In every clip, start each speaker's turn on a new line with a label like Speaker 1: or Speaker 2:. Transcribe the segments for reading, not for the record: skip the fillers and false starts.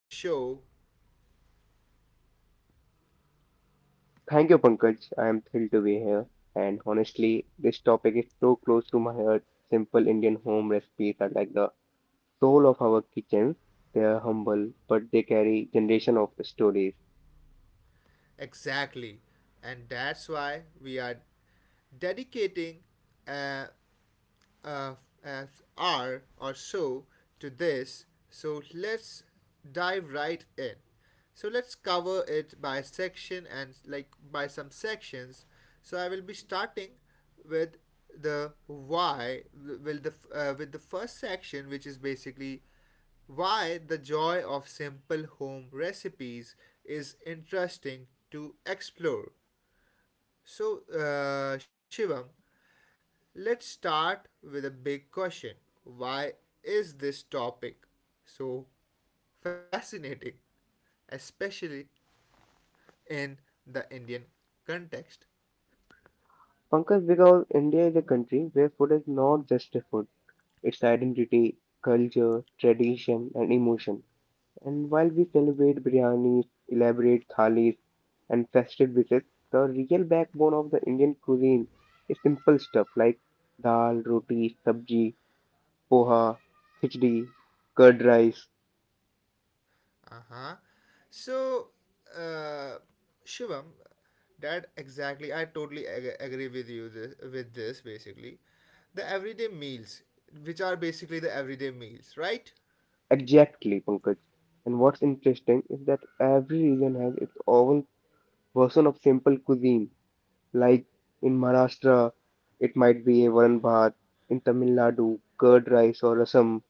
Speaker 1: to the show.
Speaker 2: Thank you, Pankaj. I am thrilled to be here. And honestly, this topic is so close to my heart. Simple Indian home recipes are like the soul of our kitchens. They are humble, but they carry generation of stories.
Speaker 1: Exactly. And that's why we are dedicating a, a, a hour or so to this. So let's dive right in. So let's cover it by section and like by some sections. So I will be starting with the why will the with the first section, which is basically why the joy of simple home recipes is interesting to explore. So, Shivam, let's start with a big question. Why is this topic so fascinating, especially in the Indian context?
Speaker 2: Pankaj, because India is a country where food is not just a food, it's identity, culture, tradition, and emotion. And while we celebrate biryanis, elaborate thalis, and festive dishes, the real backbone of the Indian cuisine is simple stuff like dal, roti, sabji, poha, khichdi, curd rice.
Speaker 1: Uh-huh. So, uh, Shivam, that exactly. I totally agree with you this, with this basically. The everyday meals, which are basically the everyday meals, right?
Speaker 2: Exactly, Pankaj. And what's interesting is that every region has its own version of simple cuisine. Like in Maharashtra, it might be a varan bhat, in Tamil Nadu, curd rice or rasam,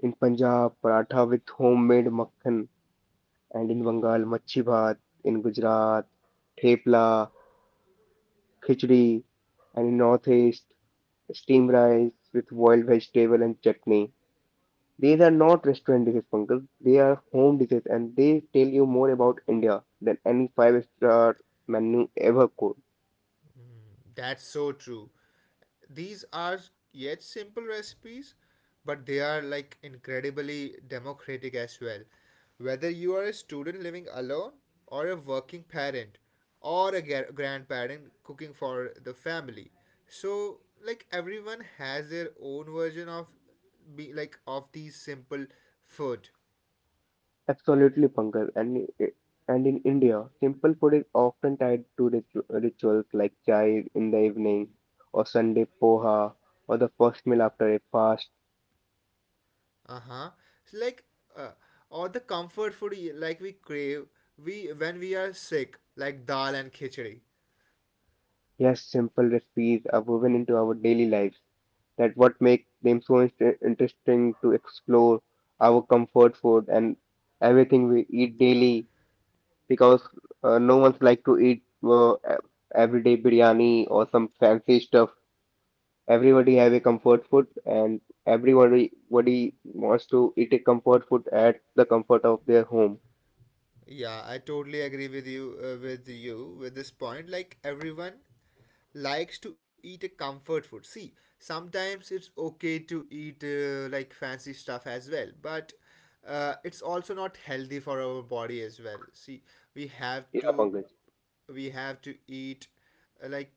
Speaker 2: in Punjab, paratha with homemade makhan. And in Bengal, Machi Bhat, in Gujarat, Thepla, Khichdi, and in Northeast, steamed rice with boiled vegetable and chutney. These are not restaurant dishes, Pankaj. They are home dishes, and they tell you more about India than any five-star menu ever could.
Speaker 1: That's so true. These are yet simple recipes, but they are like incredibly democratic as well. Whether you are a student living alone or a working parent or a grandparent cooking for the family. So like everyone has their own version of be like of these simple food.
Speaker 2: Absolutely, Pankaj. And in India, simple food is often tied to rituals like chai in the evening, or Sunday poha, or the first meal after a fast.
Speaker 1: Uh-huh. So like uh, or the comfort food like we crave we when we are sick, like dal and khichdi.
Speaker 2: Yes, simple recipes are woven into our daily lives. That what makes them so interesting to explore our comfort food and everything we eat daily, because no one's like to eat everyday biryani or some fancy stuff. Everybody have a comfort food, and everybody wants to eat a comfort food at the comfort of their home.
Speaker 1: Yeah, I totally agree with you with this point. Like everyone likes to eat a comfort food. See, sometimes it's okay to eat like fancy stuff as well, but it's also not healthy for our body as well. See, we have
Speaker 2: Yeah,
Speaker 1: to
Speaker 2: Pankaj.
Speaker 1: we have to eat like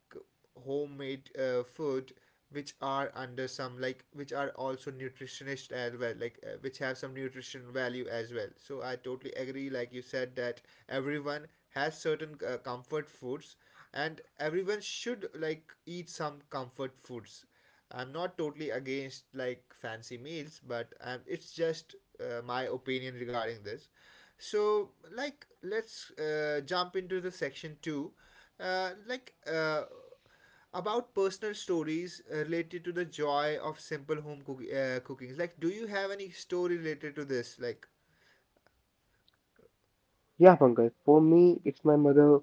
Speaker 1: homemade food, which are under some like which are also nutritionist as well, like which have some nutrition value as well. So I totally agree like you said that everyone has certain comfort foods, and everyone should like eat some comfort foods. I'm not totally against like fancy meals, but it's just my opinion regarding this. So like let's jump into the section 2, uh, like uh, about personal stories related to the joy of simple home cooking. Like, do you have any story related to this? Like
Speaker 2: Yeah, Pankaj. For me, it's my mother.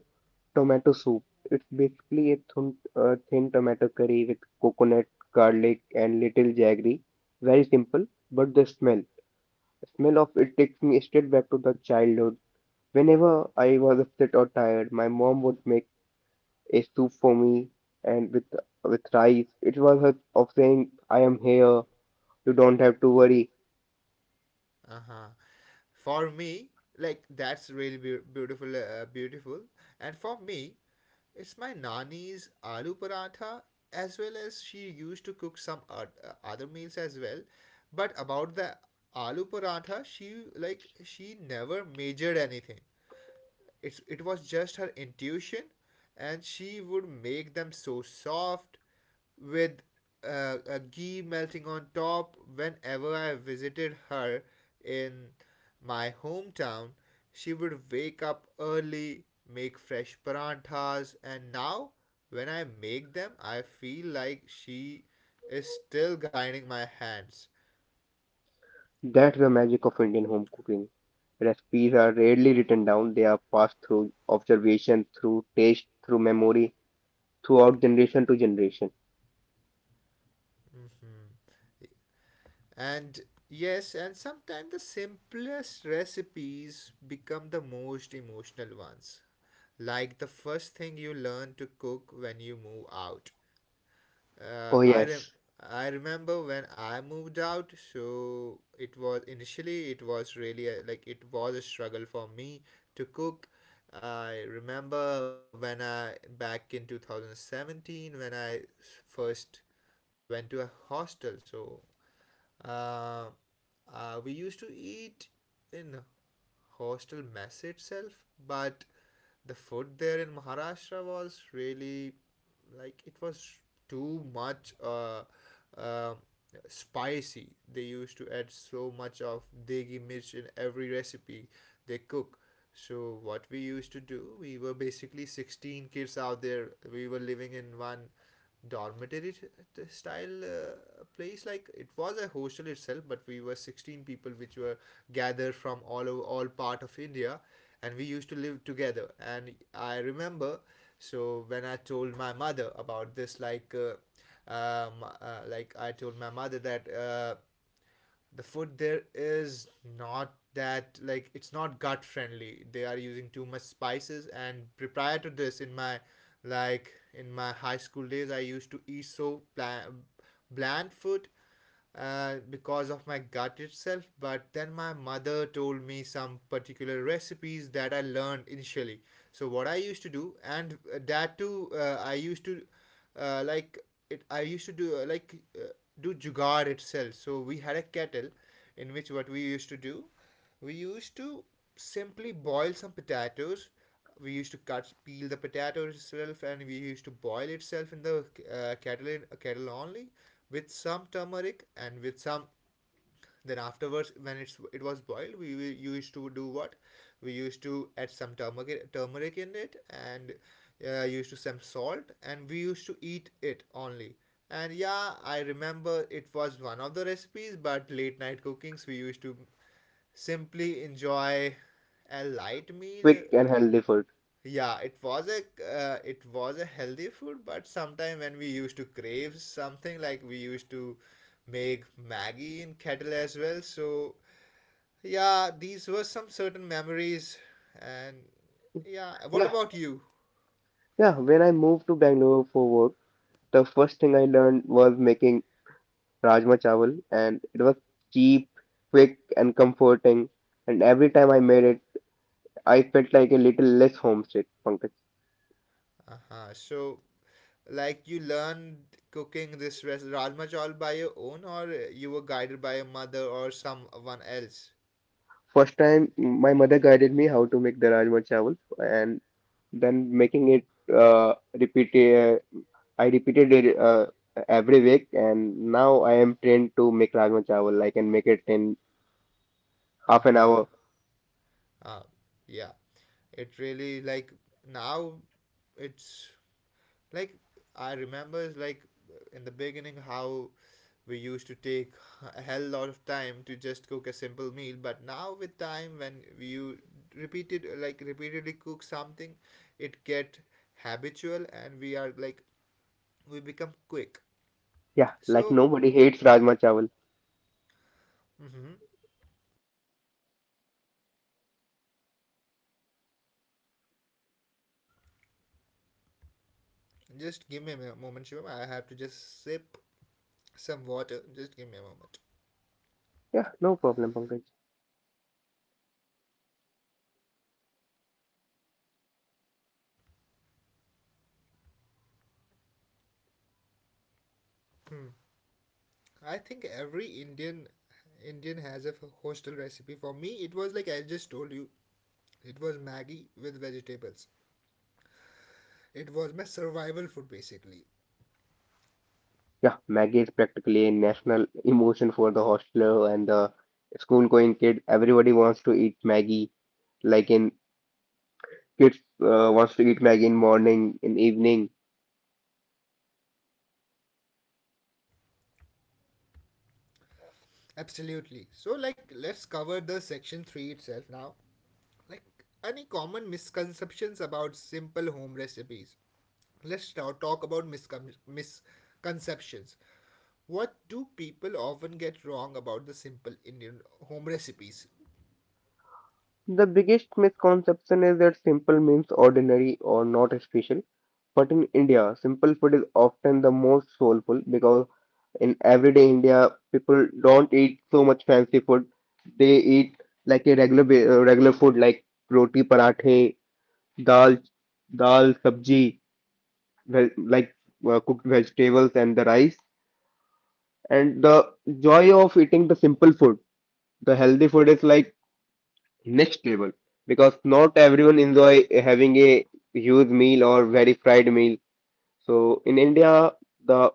Speaker 2: Tomato soup. It's basically a thin tomato curry with coconut, garlic, and little jaggery. Very simple, but the smell of it takes me straight back to the childhood. Whenever I was upset or tired, my mom would make a soup for me, and with rice. It was her of saying, "I am here. You don't have to worry."
Speaker 1: uh-huh. For me, like that's really beautiful. And for me, it's my nani's aloo paratha, as well as she used to cook some other meals as well. But about the aloo paratha, she never measured anything. It's it was just her intuition, and she would make them so soft with a ghee melting on top. Whenever I visited her in my hometown, she would wake up early, make fresh paranthas, and now when I make them, I feel like she is still guiding my hands.
Speaker 2: That's the magic of Indian home cooking. Recipes are rarely written down; they are passed through observation, through taste, through memory, throughout generation to generation.
Speaker 1: And yes, and sometimes the simplest recipes become the most emotional ones. Like the first thing you learn to cook when you move out. Uh,
Speaker 2: Oh
Speaker 1: I rem-
Speaker 2: yes,
Speaker 1: I remember when I moved out, so it was initially it was really like it was a struggle for me to cook. I remember when I back in 2017 when I first went to a hostel. So, uh, we used to eat in hostel mess itself, but the food there in Maharashtra was really like it was too much uh, spicy. They used to add so much of degi mirch in every recipe they cook. So what we used to do, we were basically 16 kids out there. We were living in one dormitory style place, like it was a hostel itself, but we were 16 people which were gathered from all over, all part of India. And we used to live together, and I remember, so when I told my mother about this, like I told my mother that the food there is not that, like it's not gut friendly, they are using too much spices. And prior to this, in my like in my high school days, I used to eat so bland, bland food because of my gut itself. But then my mother told me some particular recipes that I learned initially. So what I used to do, and that too, I used to uh, like it. I used to do do jugaad itself. So we had a kettle, in which what we used to do, we used to simply boil some potatoes. We used to cut, peel the potato itself, and we used to boil itself in the kettle, kettle only, with some turmeric and with some. Then afterwards, when it was boiled, we used to do what? We used to add some turmeric in it, and used to some salt, and we used to eat it only. And yeah, I remember it was one of the recipes. But late night cookings, we used to simply enjoy a light meal.
Speaker 2: quick and
Speaker 1: Uh,
Speaker 2: healthy food.
Speaker 1: yeah, it was a healthy food, but sometime when we used to crave something, like we used to make Maggie in kettle as well. So yeah, these were some certain memories, and yeah. What
Speaker 2: Yeah,
Speaker 1: about you?
Speaker 2: yeah. When I moved to Bangalore for work, the first thing I learned was making rajma chawal, and it was cheap, quick, and comforting. And every time I made it, I felt like a little less homesick, Pankaj.
Speaker 1: Uh huh. So, like, you learned cooking this rajma chawal by your own, or you were guided by your mother or someone else?
Speaker 2: First time, my mother guided me how to make the rajma chawal, and then making it repeat I repeated it every week, and now I am trained to make rajma chawal. I can make it in
Speaker 1: Uh
Speaker 2: half an
Speaker 1: huh.
Speaker 2: hour.
Speaker 1: Uh, yeah. It really like now, it's like I remember like in the beginning how we used to take a hell lot of time to just cook a simple meal, but now with time, when you repeatedly cook something, it get habitual and we are like we become quick.
Speaker 2: Yeah, like
Speaker 1: So
Speaker 2: nobody hates rajma chawal.
Speaker 1: mhm, just give me a moment, Shivam. I have to just sip some water. Just give me a moment.
Speaker 2: Yeah, no problem, Pankaj.
Speaker 1: Hmm. I think every Indian has a hostel recipe. For me, it was like I just told you, it was Maggie with vegetables. It was my survival food basically.
Speaker 2: Yeah, Maggie is practically a national emotion for the hostler and the school going kid. Everybody wants to eat Maggie. Like in kids wants to eat Maggie in morning, in evening.
Speaker 1: Absolutely. So, like, let's cover the section 3 itself now. Like, any common misconceptions about simple home recipes? Let's now talk about misconceptions. What do people often get wrong about the simple Indian home recipes?
Speaker 2: The biggest misconception is that simple means ordinary or not special. But in India, simple food is often the most soulful, because in everyday India, people don't eat so much fancy food. They eat like a regular food like roti, parathe, dal, dal, sabji, like cooked vegetables and the rice. And the joy of eating the simple food, the healthy food is like next level, because not everyone enjoy having a huge meal or very fried meal. So in India, the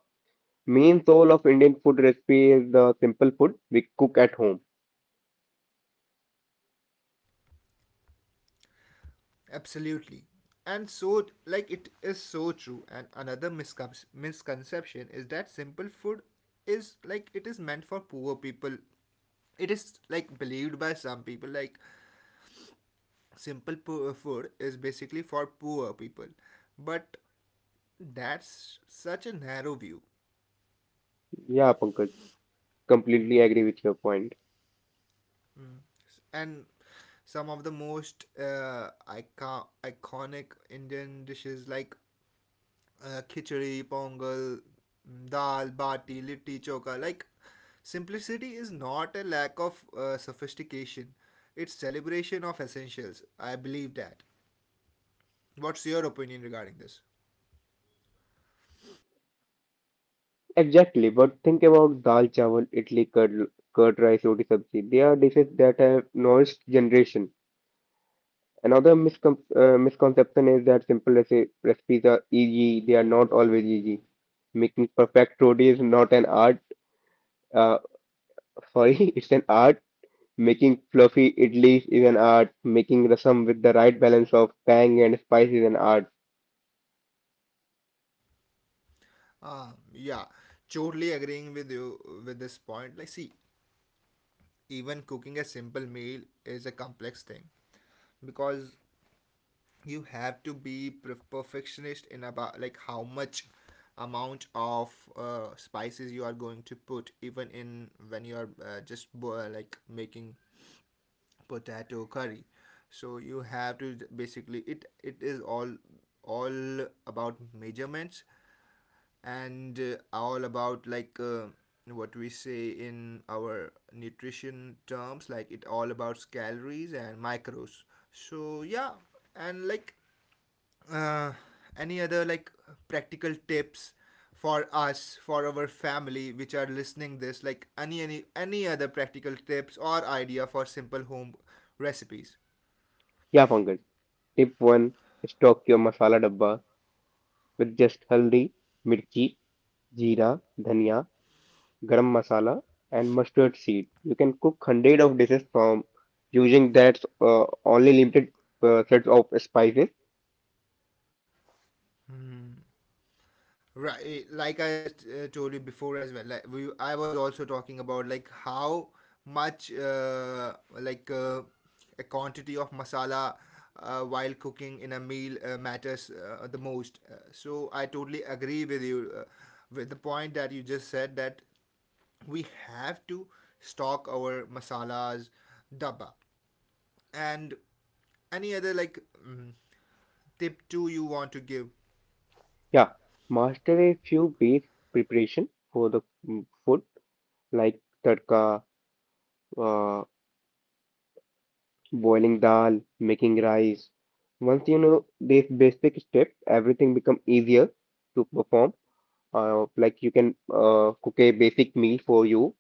Speaker 2: main soul of Indian food recipe is the simple food we cook at home.
Speaker 1: Absolutely. And so, like, it is so true. And another misconception is that simple food is like it is meant for poor people. It is like believed by some people like simple food is basically for poor people, but that's such a narrow view.
Speaker 2: Yeah, Pankaj, completely agree with your point.
Speaker 1: And some of the most iconic Indian dishes, like khichdi, pongal, mm, dal bati, litti choka, like simplicity is not a lack of sophistication, it's celebration of essentials. I believe that. What's your opinion regarding this?
Speaker 2: Exactly, but think about dal chawal, idli, curd, curd rice, roti sabji. They are dishes that have nourished generation. Another misconception is that simple recipes are easy. They are not always easy. Making perfect roti is not an art. Uh, Sorry, it's an art. Making fluffy idlis is an art. Making rasam with the right balance of tang and spice is an art.
Speaker 1: Ah, yeah, totally agreeing with you with this point. Like, see, even cooking a simple meal is a complex thing, because you have to be perfectionist in about like how much amount of spices you are going to put, even in when you are like making potato curry. So you have to basically it is all about measurements, and all about like what we say in our nutrition terms, like it all about calories and macros. So yeah, and like uh, any other like practical tips for us, for our family which are listening this, like any other practical tips or idea for simple home recipes?
Speaker 2: Yeah, Pankaj. Tip 1: Stock your masala dabba with just haldi, mirchi, jeera, dhania, garam masala, and mustard seed. You can cook hundred of dishes from using that only limited sets of spices.
Speaker 1: Hmm. Right, eh, like I told you before as well. Like I was also talking about like how much like uh, a quantity of masala while cooking in a meal matters the most. So I totally agree with you with the point that you just said, that we have to stock our masalas, dabba, and any other like mm, tip too you want to give.
Speaker 2: Yeah, master a few base preparation for the food, like tadka, uh, boiling dal, making rice. Once you know these basic steps, everything become easier to perform. Like you can cook a basic meal for you.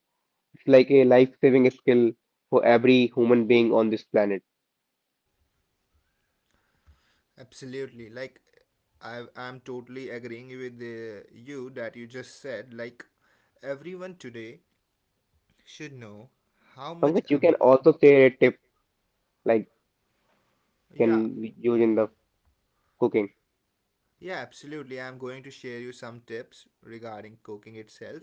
Speaker 2: It's like a life-saving skill for every human being on this planet.
Speaker 1: Absolutely. Like, I'm totally agreeing with you that you just said. Like, everyone today should know how much
Speaker 2: Pankaj, you can
Speaker 1: amount.
Speaker 2: also share a tip, like can
Speaker 1: Yeah,
Speaker 2: we use in the cooking.
Speaker 1: yeah, absolutely. I'm going to share you some tips regarding cooking itself.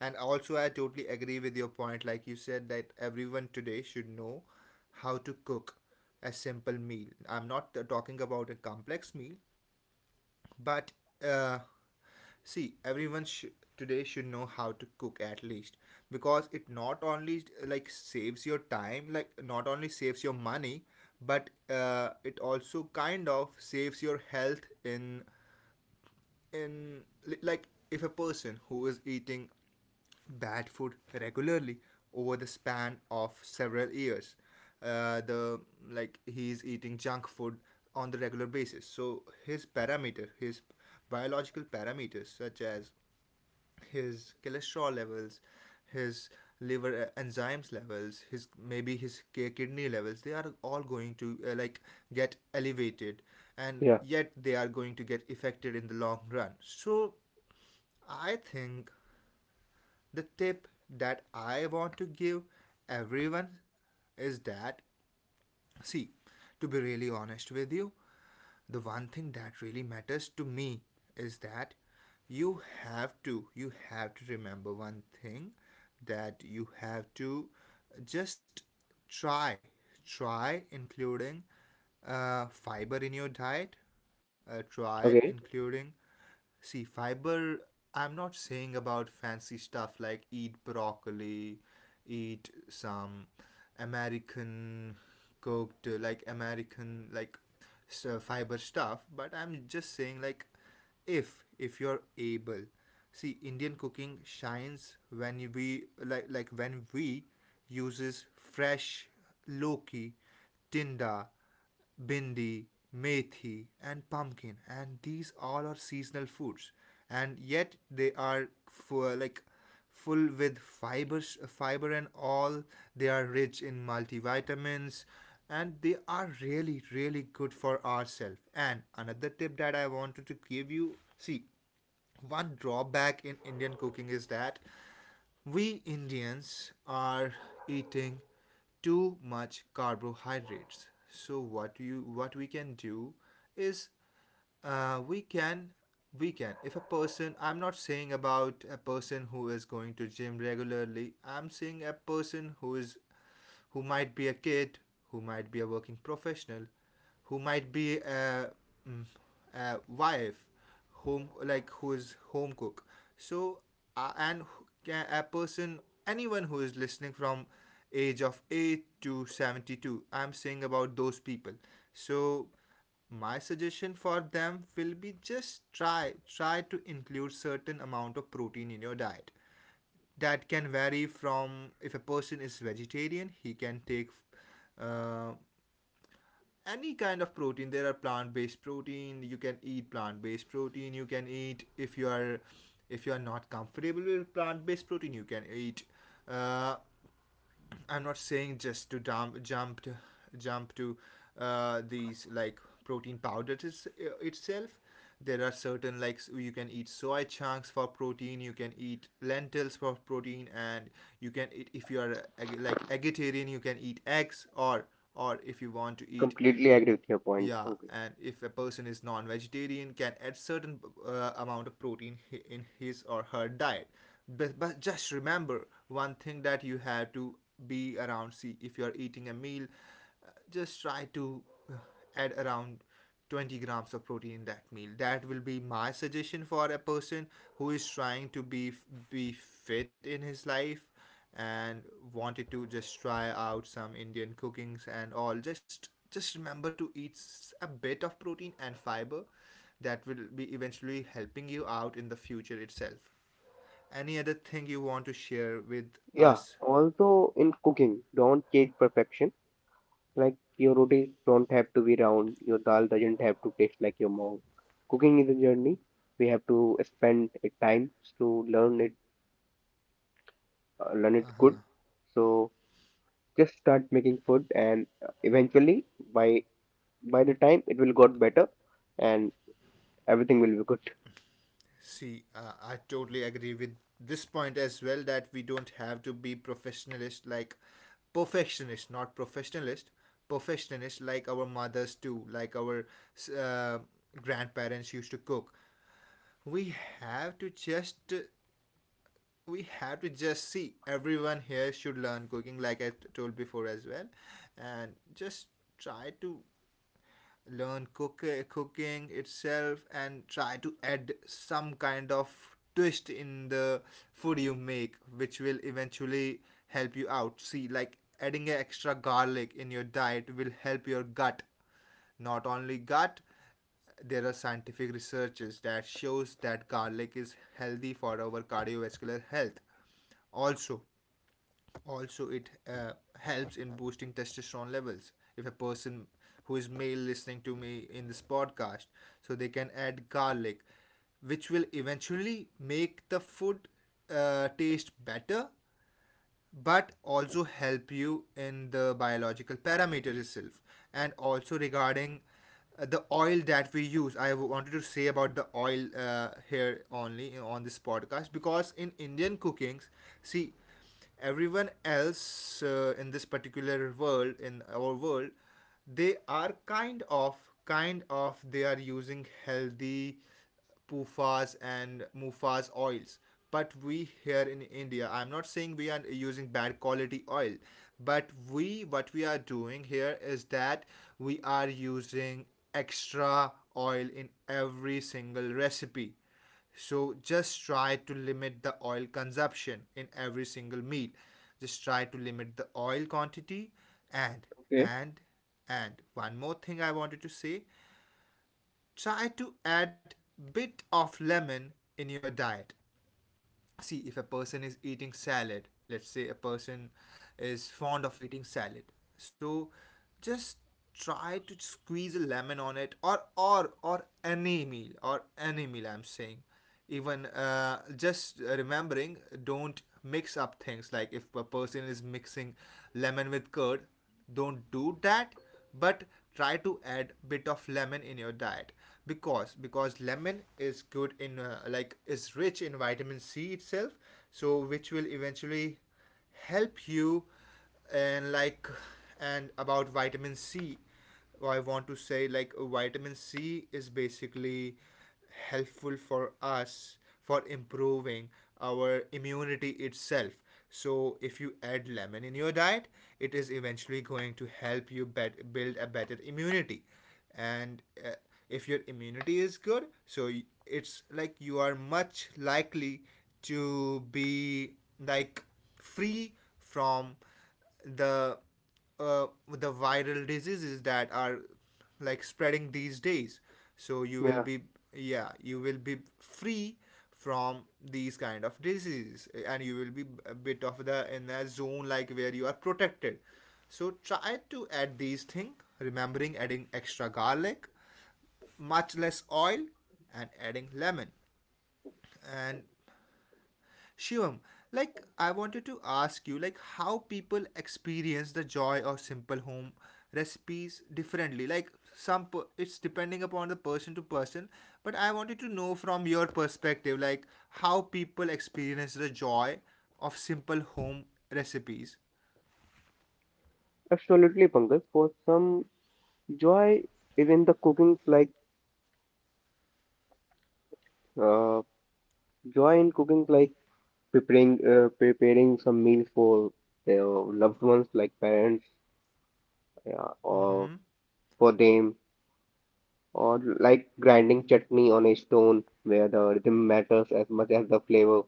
Speaker 1: And also, I totally agree with your point. Like, you said that everyone today should know how to cook a simple meal. I'm not talking about a complex meal, but uh, see, today should know how to cook, at least because it not only like saves your time, like not only saves your money, but it also kind of saves your health in like if a person who is eating bad food regularly over the span of several years, the like he's eating junk food on the regular basis, so his biological parameters such as his cholesterol levels, his liver enzymes levels, his maybe his kidney levels, they are all going to like get elevated, and
Speaker 2: Yeah.
Speaker 1: yet they are going to get affected in the long run. So I think the tip that I want to give everyone is that, see, to be really honest with you, the one thing that really matters to me is that you have to remember one thing, that you have to just try try including fiber in your diet. Try
Speaker 2: Okay.
Speaker 1: including. See, fiber, I'm not saying about fancy stuff like eat broccoli, eat some American cooked, like American, like fiber stuff, but I'm just saying, like, if you're able, see Indian cooking shines when we like when we uses fresh loki, tinda, bindi, methi, and pumpkin, and these all are seasonal foods, and yet they are for like full with fibers, fiber and all. They are rich in multivitamins, and they are really, really good for ourselves. And another tip that I wanted to give you, see, one drawback in Indian cooking is that we Indians are eating too much carbohydrates. So what we can do is we can, if a person, I'm not saying about a person who is going to gym regularly. I'm saying a person who is, who might be a kid, who might be a working professional, who might be a, mm, a wife, home like who is home cook. So and who, a person, anyone who is listening from age of 8 to 72, I'm saying about those people. So my suggestion for them will be, just try to include certain amount of protein in your diet. That can vary from, if a person is vegetarian, he can take uh, any kind of protein. There are plant-based protein, you can eat plant-based protein, you can eat. If you are, if you are not comfortable with plant-based protein, you can eat, uh, I'm not saying just to jump to these like protein powders itself. There are certain, like you can eat soy chunks for protein, you can eat lentils for protein, and you can eat, if you are like vegetarian, you can eat eggs, or if you want to eat.
Speaker 2: Completely agree with your point,
Speaker 1: Yeah,
Speaker 2: Pankaj.
Speaker 1: and if a person is non-vegetarian, can add certain amount of protein in his or her diet. But just remember one thing, that you have to be around. See, if you are eating a meal, just try to uh, add around 20 grams of protein in that meal. That will be my suggestion for a person who is trying to be fit in his life and wanted to just try out some Indian cookings and all. Just remember to eat a bit of protein and fiber. That will be eventually helping you out in the future itself. Any other thing you want to share with
Speaker 2: Yeah.
Speaker 1: us?
Speaker 2: Also in cooking, don't chase perfection. Like your rotis don't have to be round. Your dal doesn't have to taste like your mom. Cooking is a journey. We have to spend a time to learn it good. So just start making food, and eventually, by by the time it will got better, and everything will be good.
Speaker 1: See, I totally agree with this point as well, that we don't have to be professionalist, like perfectionist, not professionalist, perfectionist like our mothers do, like our uh, grandparents used to cook. We have to just we have to just see, everyone here should learn cooking, like I told before as well, and just try to learn cooking itself, and try to add some kind of twist in the food you make, which will eventually help you out. See, like adding an extra garlic in your diet will help your gut, not only gut, there are scientific researches that shows that garlic is healthy for our cardiovascular health. Also, also it helps in boosting testosterone levels. If a person who is male listening to me in this podcast, so they can add garlic, which will eventually make the food taste better, but also help you in the biological parameters itself. And also regarding the oil that we use, I wanted to say about the oil here only on this podcast, because in Indian cookings, see, everyone else in this particular world, in our world, they are kind of they are using healthy PUFAs and MUFAs oils. But we here in India, I'm not saying we are using bad quality oil, but we, what we are doing here is that we are using extra oil in every single recipe. So just try to limit the oil consumption in every single meal. Just try to limit the oil quantity, and
Speaker 2: Okay.
Speaker 1: and and one more thing I wanted to say. Try to add bit of lemon in your diet. See, if a person is eating salad, let's say a person is fond of eating salad, so just try to squeeze a lemon on it, or any meal, or any meal I'm saying. Even just remembering, don't mix up things, like if a person is mixing lemon with curd, don't do that, but try to add bit of lemon in your diet, because lemon is good in like is rich in vitamin C itself, so which will eventually help you. And like, and about vitamin C, I want to say, like vitamin C is basically helpful for us for improving our immunity itself. So if you add lemon in your diet, it is eventually going to help you build a better immunity. And if your immunity is good, so it's like you are much likely to be like free from the the viral diseases that are like spreading these days, so you will
Speaker 2: Yeah,
Speaker 1: be. Yeah, you will be free from these kind of diseases, and you will be a bit of the in a zone like where you are protected. So try to add these things, remembering adding extra garlic, much less oil, and adding lemon. And Shivam, like I wanted to ask you, like how people experience the joy of simple home recipes differently. Like some it's depending upon the person to person, but I wanted to know from your perspective like how people experience the joy of simple home recipes.
Speaker 2: absolutely, Pankaj. For some, joy is in the cooking, like uh, joy in cooking, like preparing some meals for their loved ones, like parents, yeah, or
Speaker 1: Mhm.
Speaker 2: for them, or like grinding chutney on a stone, where the rhythm matters as much as the flavor.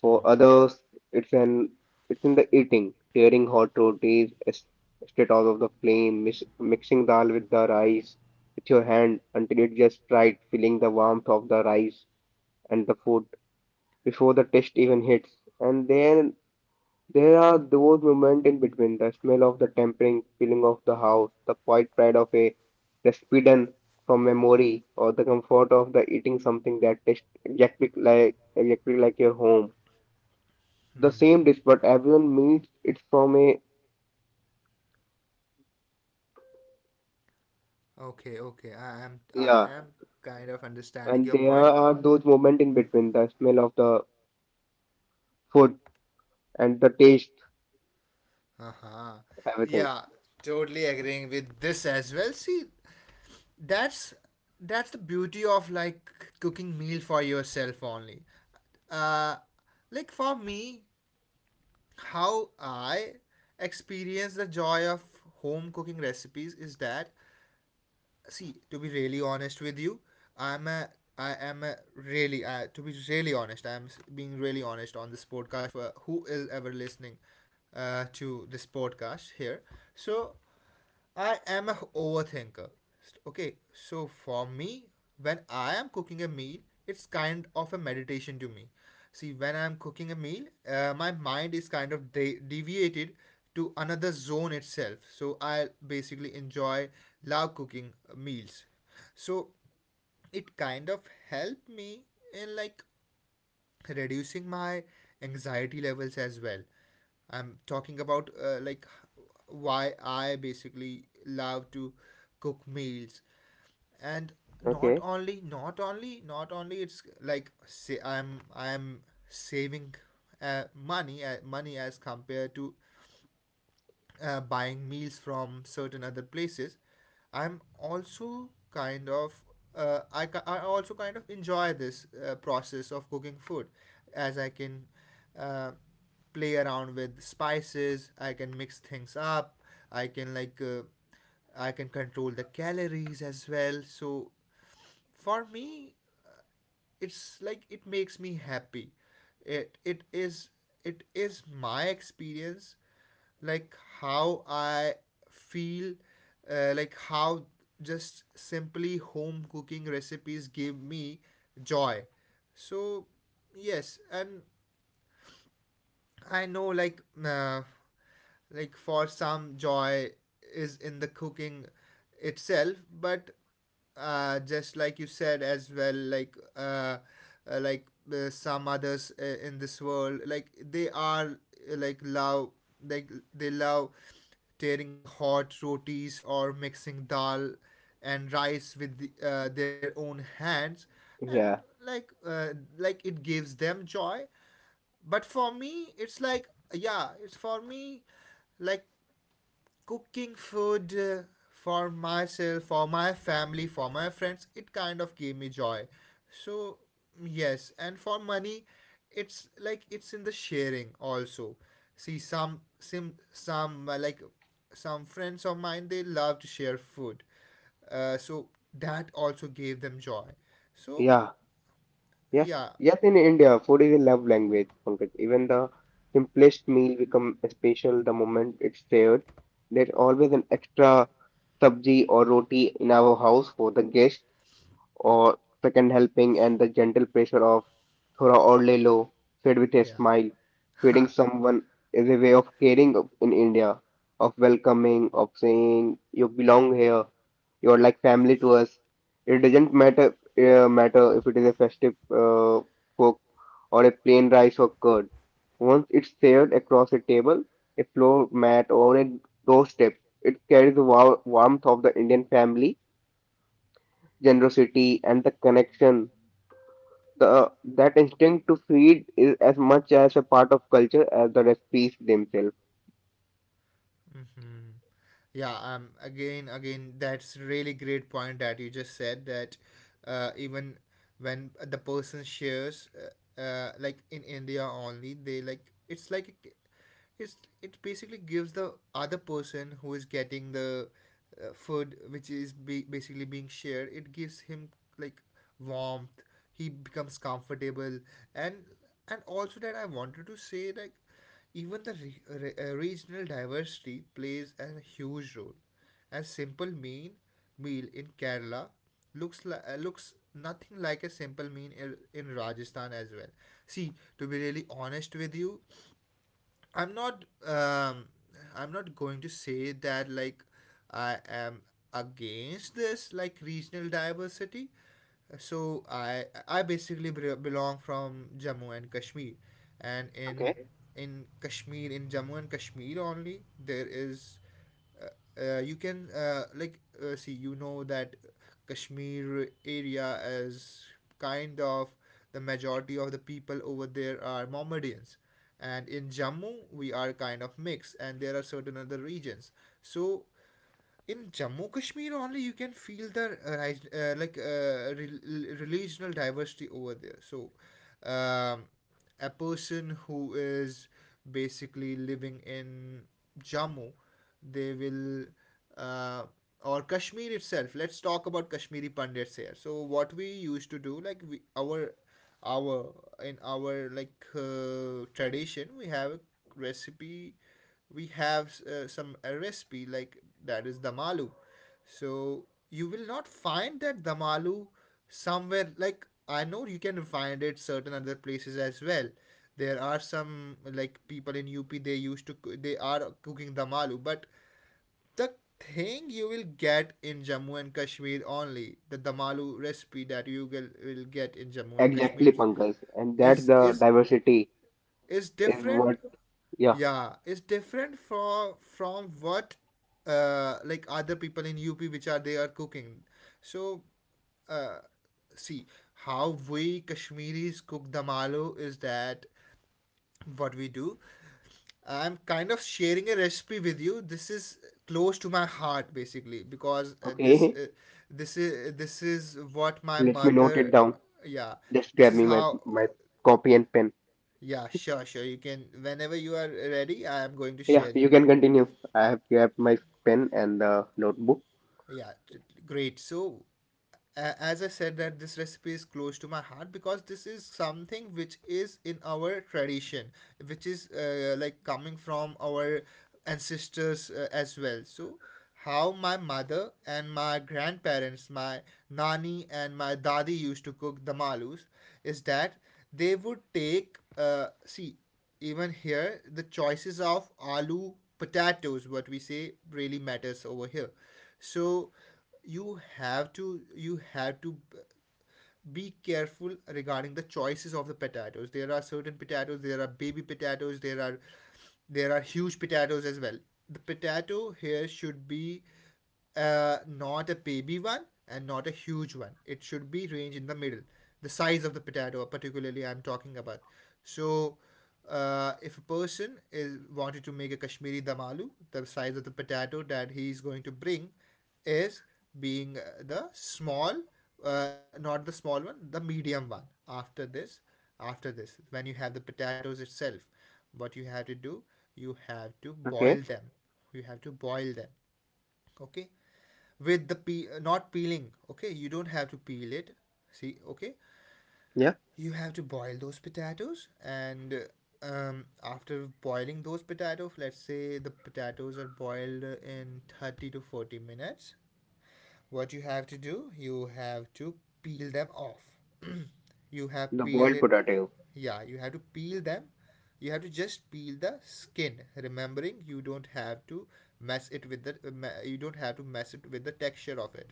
Speaker 2: For others, it's an it's in the eating, tearing hot rotis straight out of the flame, mis mixing dal with the rice with your hand until it just right, feeling the warmth of the rice and the food before the taste even hits. And then there are those moments in between, the smell of the tempering feeling of the house, the quiet pride of a respidan from memory, or the comfort of the eating something that tastes exactly like your home, the same dish, but everyone meets it from a.
Speaker 1: Okay, okay. I am I
Speaker 2: Yeah.
Speaker 1: am kind of understanding
Speaker 2: And
Speaker 1: your
Speaker 2: there
Speaker 1: point.
Speaker 2: are those moments in between, the smell of the food and the taste,
Speaker 1: Uh-huh.
Speaker 2: everything.
Speaker 1: Yeah, totally agreeing with this as well. See, that's that's the beauty of like cooking meal for yourself only. uh like for me, how I experience the joy of home cooking recipes is that, see, to be really honest with you, i'm a I am a really to be really honest, being really honest on this podcast for who is ever listening to this podcast here. So I am a overthinker. Okay, so for me, when I am cooking a meal, it's kind of a meditation to me. See, when I'm cooking a meal, my mind is kind of deviated to another zone itself. So I basically enjoy, love cooking meals. So it kind of helped me in like reducing my anxiety levels as well. I'm talking about like why I basically love to cook meals. And not
Speaker 2: Okay.
Speaker 1: only not only not only it's like say I'm saving money as compared to buying meals from certain other places. I'm also kind of I also kind of enjoy this process of cooking food, as I can uh, play around with spices, I can mix things up, I can I can control the calories as well. So for me, it's like it makes me happy. it it is it is my experience, like how I feel, like how just simply home cooking recipes give me joy. So, yes, and I know, like for some joy is in the cooking itself, but just like you said as well, uh, like some others in this world, uh, like love, like they love tearing hot rotis or mixing dal and rice with their own hands and
Speaker 2: Yeah.
Speaker 1: like uh, like it gives them joy, but for me, it's like, yeah, it's for me, like cooking food for myself, for my family, for my friends, it kind of gave me joy. So yes, and for money, it's like it's in the sharing also. See, some some friends of mine, they love to share food, so that also gave them joy. So
Speaker 2: Yeah. Yes.
Speaker 1: yeah,
Speaker 2: Yes. In India, food is a love language, Pankaj. Even the simplest meal become special the moment it's shared. There's always an extra sabji or roti in our house for the guest, or second helping and the gentle pressure of Thora or Lelo, said with a smile.
Speaker 1: yeah.
Speaker 2: Feeding someone is a way of caring in India, of welcoming, of saying, you belong here, you're like family to us. It doesn't matter if it is a festive cook or a plain rice or curd. Once it's shared across a table, a floor mat, or a doorstep, it carries the warmth of the Indian family generosity, and the connection. The that instinct to feed is as much as a part of culture as the recipes themselves.
Speaker 1: Hmm. Yeah, again, that's really great point that you just said, that even when the person shares, like in India only, they like it's it basically gives the other person who is getting the food which is basically being shared. It gives him, like, warmth. He becomes comfortable, and also that I wanted to say, like, even the regional diversity plays a huge role. A simple mean meal in Kerala looks nothing like a simple meal in Rajasthan as well. See, to be really honest with you, I'm not um I'm not going to say that, like, I am against this, like, regional diversity. So I basically belong from Jammu and Kashmir, and
Speaker 2: Okay.
Speaker 1: in Kashmir, in Jammu and Kashmir only, there is uh, you can see, you know, that Kashmir area is kind of, the majority of the people over there are Mohammedans, and in Jammu we are kind of mixed and there are certain other regions. So in Jammu Kashmir only you can feel the regional diversity over there. So, um, a person who is basically living in Jammu, they will uh, or Kashmir itself. Let's talk about Kashmiri Pandits here. So what we used to do, like we our in our like tradition, we have a recipe. We have some recipe, like that is damalu. So you will not find that damalu somewhere, like, I know you can find it certain other places as well. There are some, like, people in UP, they used to, they are cooking damalu, but the thing you will get in Jammu and Kashmir only, the damalu recipe that you will get in Jammu and Kashmir
Speaker 2: Exactly, Pankaj, and that
Speaker 1: is
Speaker 2: the
Speaker 1: is,
Speaker 2: diversity
Speaker 1: is
Speaker 2: is
Speaker 1: different.
Speaker 2: what. Yeah.
Speaker 1: Yeah, it's different from what like other people in UP which are they are cooking. So, uh, see, how we Kashmiris cook damalo is that what we do. I'm kind of sharing a recipe with you. This is close to my heart, basically, because
Speaker 2: Okay.
Speaker 1: this is what my
Speaker 2: Let me note it
Speaker 1: mother.
Speaker 2: down.
Speaker 1: Yeah,
Speaker 2: Just
Speaker 1: this
Speaker 2: grab
Speaker 1: is
Speaker 2: me my
Speaker 1: how.
Speaker 2: my copy and pen.
Speaker 1: Yeah, sure, sure, you can, whenever you are ready I am going to
Speaker 2: Yeah,
Speaker 1: share
Speaker 2: you
Speaker 1: you with.
Speaker 2: can continue. I have grabbed my pen and the notebook.
Speaker 1: Yeah, great. So as I said, that this recipe is close to my heart because this is something which is in our tradition, which is like coming from our ancestors as well. So how my mother and my grandparents, my nani and my dadi used to cook the malus is that they would take see, even here the choices of aloo, potatoes, what we say, really matters over here. So you have to, be careful regarding the choices of the potatoes. There are certain potatoes, there are baby potatoes, there are huge potatoes as well. The potato here should be, not a baby one and not a huge one, it should be range in the middle. The size of the potato particularly I'm talking about. So if a person is wanted to make a Kashmiri damalu, the size of the potato that he is going to bring is being not the small one, the medium one. After this, after this, when you have the potatoes itself, what you have to do, you have to boil
Speaker 2: Okay.
Speaker 1: them. You have to boil them, okay? With the not peeling, okay? You don't have to peel it. See, okay?
Speaker 2: Yeah,
Speaker 1: You have to boil those potatoes, and after boiling those potatoes, let's say the potatoes are boiled in 30 to 40 minutes, what you have to do, you have to peel them off. You have
Speaker 2: the
Speaker 1: peeled
Speaker 2: boiled
Speaker 1: it.
Speaker 2: potato.
Speaker 1: Yeah, you have to peel them. You have to just peel the skin, remembering you don't have to mess it with the, you don't have to mess it with the texture of it.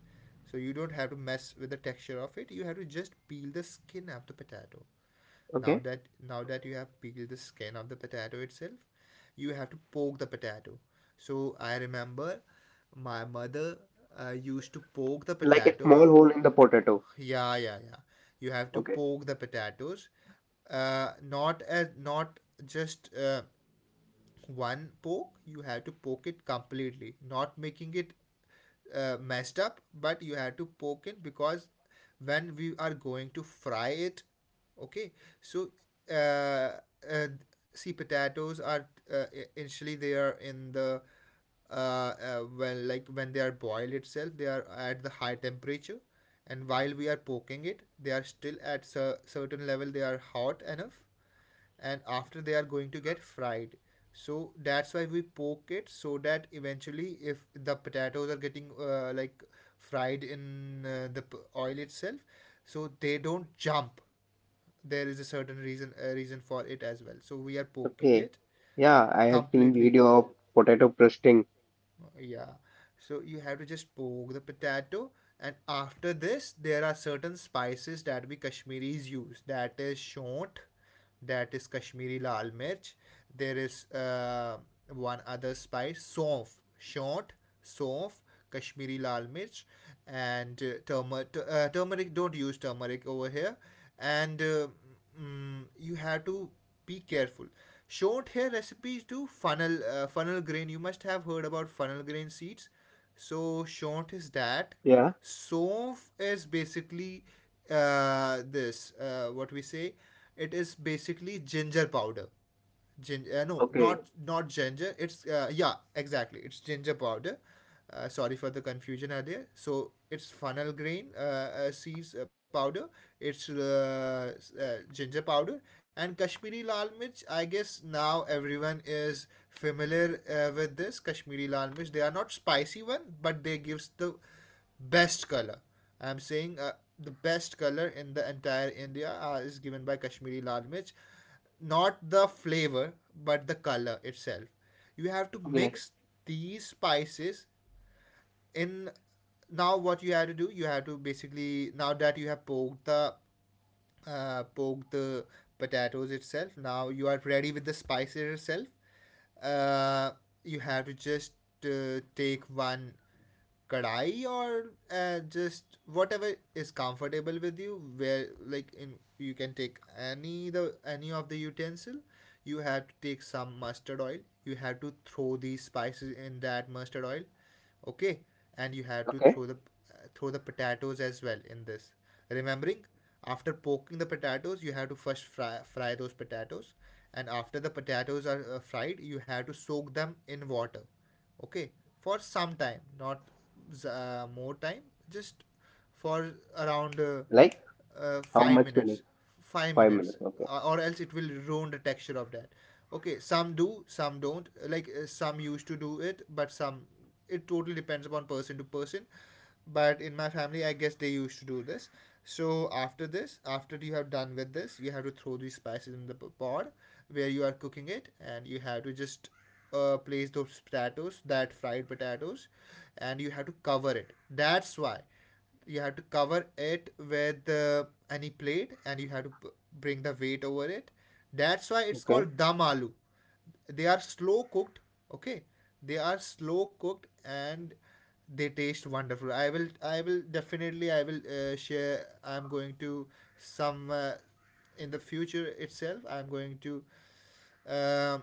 Speaker 1: So you don't have to mess with the texture of it. You have to just peel the skin of the potato. Now
Speaker 2: Okay,
Speaker 1: that now that you have peeled the skin of the potato itself, you have to poke the potato. So I remember my mother used to poke the
Speaker 2: like a
Speaker 1: potato.
Speaker 2: small hole in the potato.
Speaker 1: Yeah, yeah, yeah. You have to
Speaker 2: Okay,
Speaker 1: poke the potatoes, not just one poke, you have to poke it completely, not making it messed up, but you have to poke it because when we are going to fry it, okay, so uh, uh, see, potatoes are, uh, initially they are in the, well, like when they are boiled itself they are at the high temperature, and while we are poking it they are still at a certain level, they are hot enough, and after they are going to get fried. So that's why we poke it, so that eventually if the potatoes are getting like fried in oil itself, so they don't jump. There is a reason for it as well, so we are poking
Speaker 2: okay.
Speaker 1: it
Speaker 2: Yeah, I have seen
Speaker 1: completely.
Speaker 2: video of potato roasting.
Speaker 1: Yeah. So you have to just poke the potato, and after this, there are certain spices that we Kashmiris use. That is shont, that is Kashmiri lal mirch. There is one other spice, sof, shont, sof, Kashmiri lal mirch, and turmeric. Turmeric. Don't use turmeric over here, and. Mm, mm, you have to be careful. Short hair recipes do funnel funnel grain. You must have heard about funnel grain seeds. So short is that.
Speaker 2: Yeah.
Speaker 1: Sof is basically this. What we say, it is basically ginger powder. Ginger? No,
Speaker 2: Okay.
Speaker 1: not ginger, it's yeah, exactly, it's ginger powder. Sorry for the confusion earlier. So it's funnel grain seeds powder, it's ginger powder. And Kashmiri lal mirch, I guess now everyone is familiar with this Kashmiri lal mirch. They are not spicy one, but they gives the best color. I'm saying the best color in the entire India is given by Kashmiri lal mirch, not the flavor, but the color itself. You have to
Speaker 2: Okay.
Speaker 1: mix these spices in. Now what you have to do, you have to basically, now that you have poked the, poke the potatoes itself. Now you are ready with the spices itself. Uh, you have to just take one kadai or just whatever is comfortable with you. Where, like, in you can take any the any of the utensil. You have to take some mustard oil. You have to throw these spices in that mustard oil, okay, and you have to
Speaker 2: Okay.
Speaker 1: throw the potatoes as well in this, remembering after poking the potatoes you have to fry those potatoes, and after the potatoes are fried you have to soak them in water, okay, for some time, not more time, just for around
Speaker 2: Like how
Speaker 1: 5
Speaker 2: much
Speaker 1: minutes.
Speaker 2: minutes?
Speaker 1: 5
Speaker 2: 5 minutes.
Speaker 1: minutes
Speaker 2: Okay.
Speaker 1: uh, Or else it will ruin the texture of that. Okay, some do some don't, like, some used to do it but some, it totally depends upon person to person, but in my family I guess they used to do this. So after this, after you have done with this, you have to throw these spices in the pod where you are cooking it, and you have to just place those potatoes, that fried potatoes, and you have to cover it. That's why you have to cover it with any plate, and you have to bring the weight over it. That's why it's
Speaker 2: Okay.
Speaker 1: called dam aloo. They are slow cooked, okay, they are slow cooked, and they taste wonderful. I will definitely, I will share I'm going to some in the future itself I'm going to uh,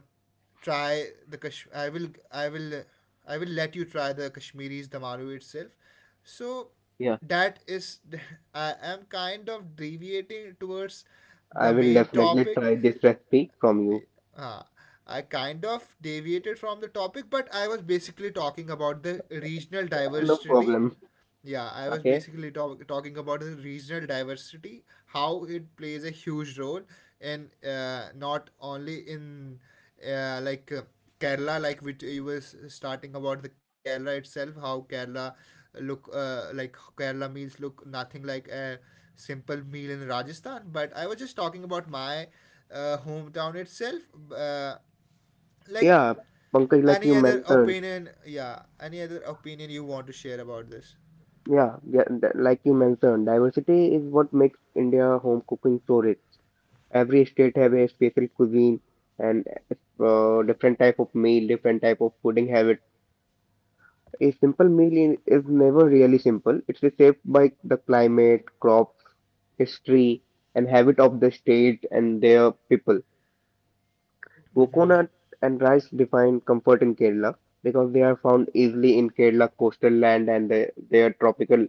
Speaker 1: I will I will let you try the Kashmiri's Damaru itself. So
Speaker 2: Yeah.
Speaker 1: that is I am kind of deviating towards
Speaker 2: I
Speaker 1: the
Speaker 2: will
Speaker 1: main
Speaker 2: definitely
Speaker 1: topic.
Speaker 2: try this recipe from you.
Speaker 1: uh, I kind of deviated from the topic, but I was basically talking about the regional
Speaker 2: No
Speaker 1: diversity.
Speaker 2: problem.
Speaker 1: Yeah, I was
Speaker 2: Okay.
Speaker 1: basically talking about the regional diversity, how it plays a huge role, and not only in uh, like uh, Kerala, like, which you were starting about the Kerala itself, how Kerala look like Kerala meals look nothing like a simple meal in Rajasthan. But I was just talking about my hometown itself. Uh, like,
Speaker 2: Yeah, Pankaj, like you
Speaker 1: any other
Speaker 2: mentioned.
Speaker 1: opinion, yeah, any other opinion you want to share about this?
Speaker 2: Yeah, yeah, like you mentioned, diversity is what makes India home cooking so rich. Every state have a special cuisine, and different type of meal, different type of fooding habits. A simple meal is never really simple. It's shaped by the climate, crops, history, and habit of the state and their people.
Speaker 1: Mm-hmm.
Speaker 2: Coconut and rice define comfort in Kerala, because they are found easily in Kerala coastal land and their tropical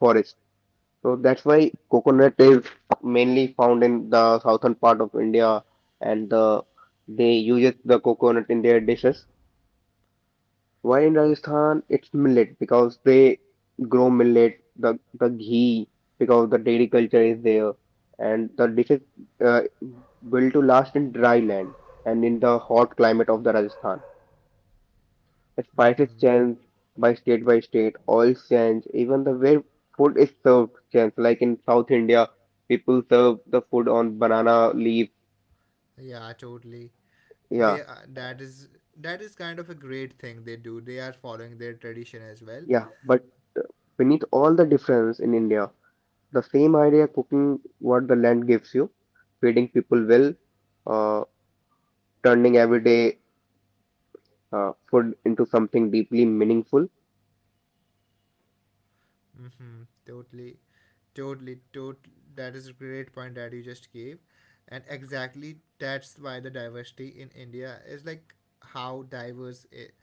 Speaker 2: forest. So that's why coconut is mainly found in the southern part of India, and they use the coconut in their dishes. While in Rajasthan, it's millet because they grow millet, the ghee because the dairy culture is there, and the dishes uh, built to last in dry land and in the hot climate of the Rajasthan. The spices
Speaker 1: Mm-hmm.
Speaker 2: change by state, oils change, even the way food is served change. Like in South India, people serve the food on banana leaf.
Speaker 1: Yeah, totally. They
Speaker 2: Yeah,
Speaker 1: are- that is, that is kind of a great thing they do. They are following their tradition as well.
Speaker 2: yeah. But beneath all the difference in India, the same idea cooking what the land gives you, feeding people well, uh, turning everyday food into something deeply meaningful,
Speaker 1: Mm-hmm. Totally, totally, tot. That is a great point that you just gave, and exactly that's why the diversity in India is like how diverse it,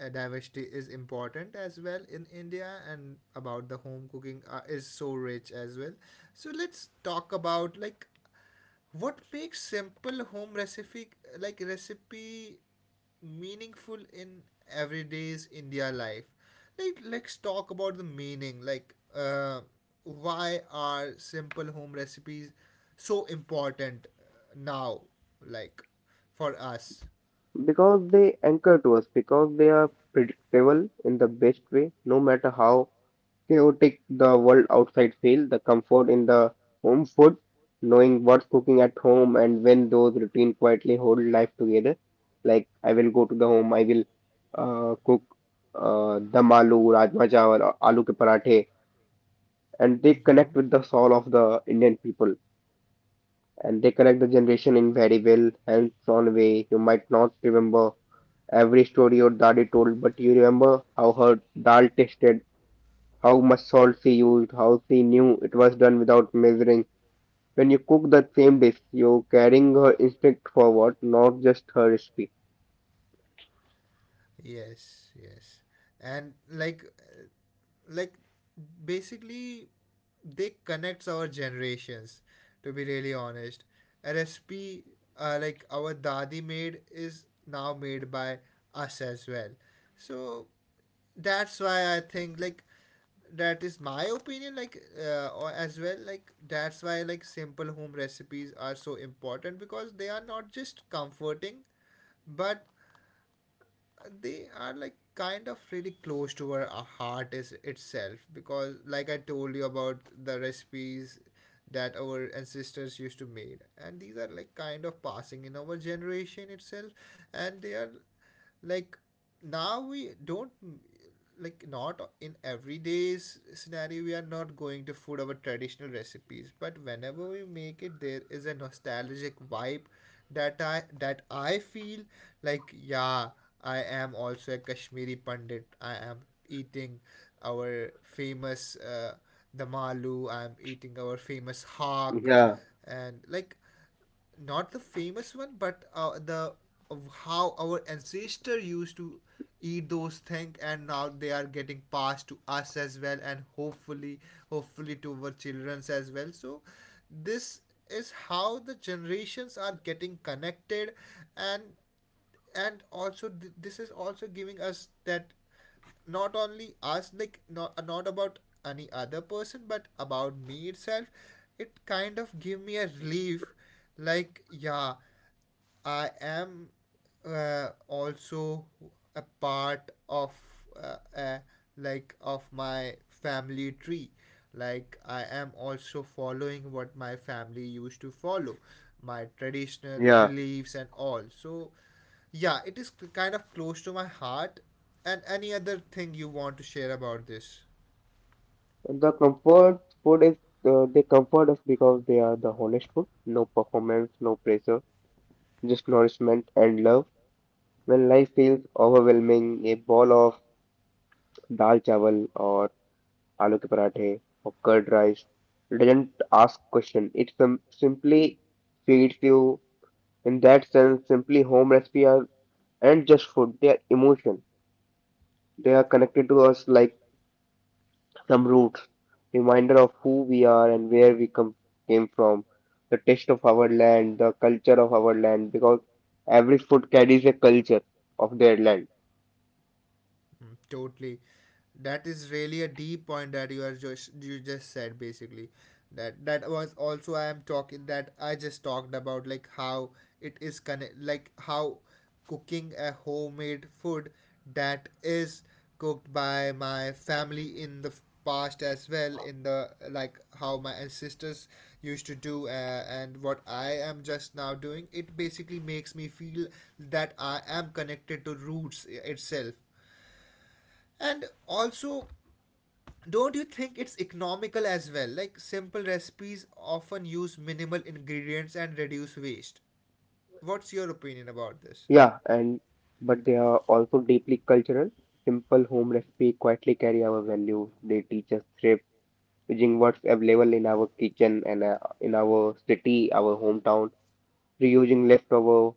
Speaker 1: diversity is important as well in India, and about the home cooking is so rich as well. So let's talk about what makes simple home recipe recipe meaningful in everyday's India life? Like, let's talk about the meaning. Why are simple home recipes so important now? Like, for us.
Speaker 2: because they anchor to us, because they are predictable in the best way, no matter how chaotic the world outside feel, the comfort in the home food, knowing what's cooking at home and when those routine quietly hold life together. Like I will go to the home, I will cook dum aloo, rajma chawal, or aloo ke parathe, and they
Speaker 1: Hmm.
Speaker 2: connect with the soul of the Indian people, and they connect the generation in very well hands-on way. You might not remember every story your daddy told, but you remember how her dal tasted, how much salt she used, how she knew it was done without measuring. When you cook that same dish, you're carrying her instinct forward, not just her recipe.
Speaker 1: Yes, yes. And like basically they connects our generations, to be really honest. A recipe, like our dadi made, is now made by us as well. So that's why I think, that is my opinion, like or as well like that's why, simple home recipes are so important, because they are not just comforting, but they are like kind of really close to our heart is itself, because like I told you about the recipes that our ancestors used to make, and these are like kind of passing in our generation itself. And they are like now we don't, not in everyday's scenario we are not going to food our traditional recipes, but whenever we make it there is a nostalgic vibe that I feel. Like, yeah, I am also a Kashmiri pandit. I am eating our famous damalu, I am eating our famous hak,
Speaker 2: Yeah,
Speaker 1: and not the famous one, but the of how our ancestor used to eat those things, and now they are getting passed to us as well, and hopefully, hopefully to our childrens as well. So this is how the generations are getting connected, and this is also giving us that, not only us, not about any other person but about me itself, it kind of give me a relief. Like, yeah, I am, also a part of, uh, uh, like of my family tree. Like, I am also following what my family used to follow, my traditional
Speaker 2: yeah.
Speaker 1: beliefs and all. So yeah, it is kind of close to my heart. And any other thing you want to share about this?
Speaker 2: The comfort food is, they comfort us because they are the honest food. No performance, no pressure, just nourishment and love. When life feels overwhelming, a bowl of dal chawal or aloo ke parathe or curd rice doesn't ask question. It simply feeds you. In that sense, simply home recipes are aren't just food, they are emotion. They are connected to us like some roots, reminder of who we are and where we come came from, the taste of our land, the culture of our land, because every food carries a culture of their land.
Speaker 1: Mm, totally. That is really a deep point that you are just you just said basically. That was also I am talking that I just talked about, like how it is connect, like how cooking a homemade food that is cooked by my family in the past as well, in the like how my ancestors used to do, and what I am just now doing, it basically makes me feel that I am connected to roots itself. And also, don't you think it's economical as well? Like, simple recipes often use minimal ingredients and reduce waste. What's your opinion about this?
Speaker 2: Yeah, and but they are also deeply cultural. Simple home recipe quietly carry our values. They teach us thrift, using what's available in our kitchen and in our city, our hometown, reusing leftover,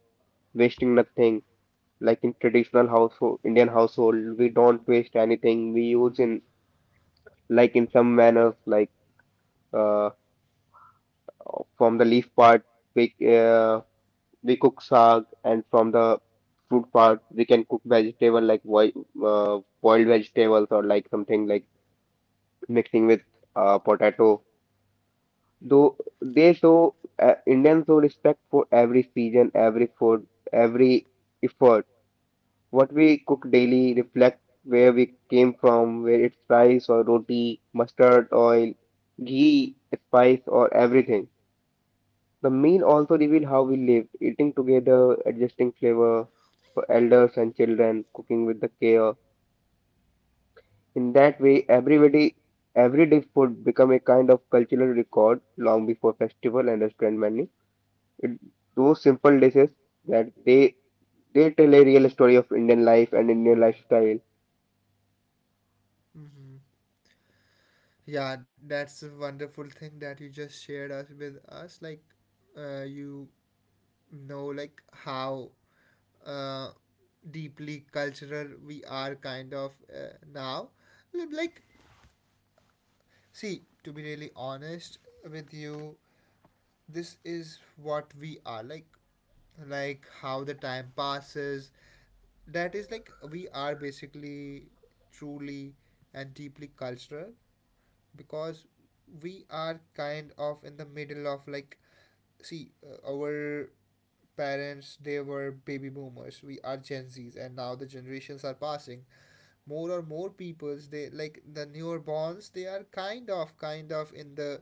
Speaker 2: wasting nothing. Like in traditional household, Indian household, we don't waste anything. We use in like in some manners, like uh, from the leaf part, we uh, we cook sag, and from the fruit part, we can cook vegetable like boil, boiled vegetables or like something like mixing with potato. Though they show Indians show respect for every season, every food, every effort. What we cook daily reflect where we came from, where it's rice or roti, mustard, oil, ghee, spice, or everything. The meal also reveal how we live, eating together, adjusting flavor for elders and children, cooking with the care. In that way, everybody, everyday food become a kind of cultural record long before festival and restaurant menu. It, those simple dishes that they tell a real story of Indian life and Indian lifestyle.
Speaker 1: Mm-hmm. Yeah, that's a wonderful thing that you just shared us with us. Like, you know, like how uh, deeply cultural we are kind of now. Like, see, to be really honest with you, this is what we are, like how the time passes, that is like we are basically truly and deeply cultural, because we are kind of in the middle of, like, see, our parents they were baby boomers, we are gen z's, and now the generations are passing. More or more peoples, the newborns, they are kind of in the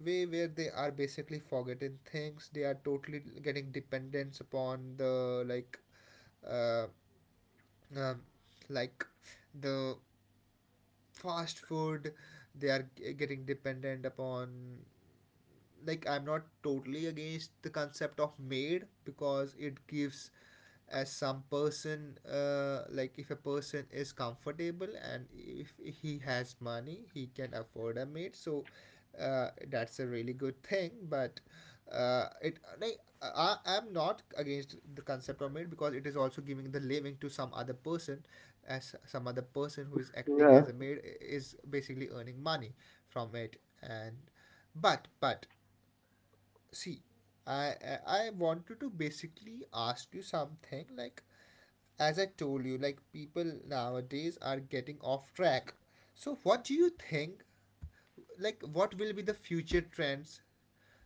Speaker 1: way where they are basically forgetting things. They are totally getting dependence upon the, uh, um, like the fast food they are getting dependent upon. Like, I'm not totally against the concept of maid, because it gives as some person, like, if a person is comfortable and if he has money he can afford a maid, so that's a really good thing. But I'm not against the concept of maid, because it is also giving the living to some other person, as some other person who is acting
Speaker 2: Yeah.
Speaker 1: as a maid is basically earning money from it. And but see, I wanted to basically ask you something. Like, as I told you, like, people nowadays are getting off track. So what do you think? Like, what will be the future trends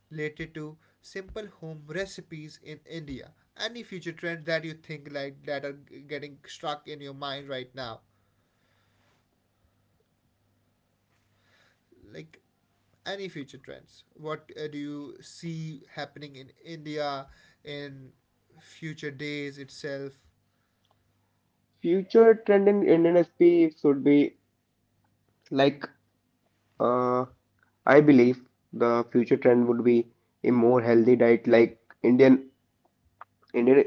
Speaker 1: related to simple home recipes in India? Any future trends that you think that are getting struck in your mind right now? Like, any future trends what do you see happening in India in future days itself?
Speaker 2: Future trend in Indian SP should be like, uh, I believe the future trend would be a more healthy diet. Like Indian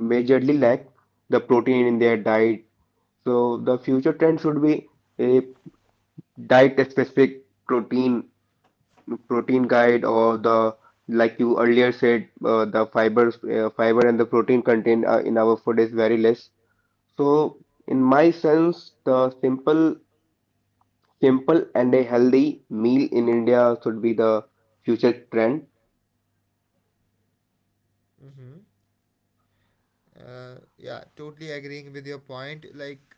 Speaker 2: majorly lack the protein in their diet. So the future trend should be a diet specific protein protein guide, or the, like you earlier said, the fibers, fiber and the protein content in our food is very less. So in my sense, the simple and a healthy meal in India should be the future trend.
Speaker 1: Mm-hmm. Yeah, totally agreeing with your point. Like,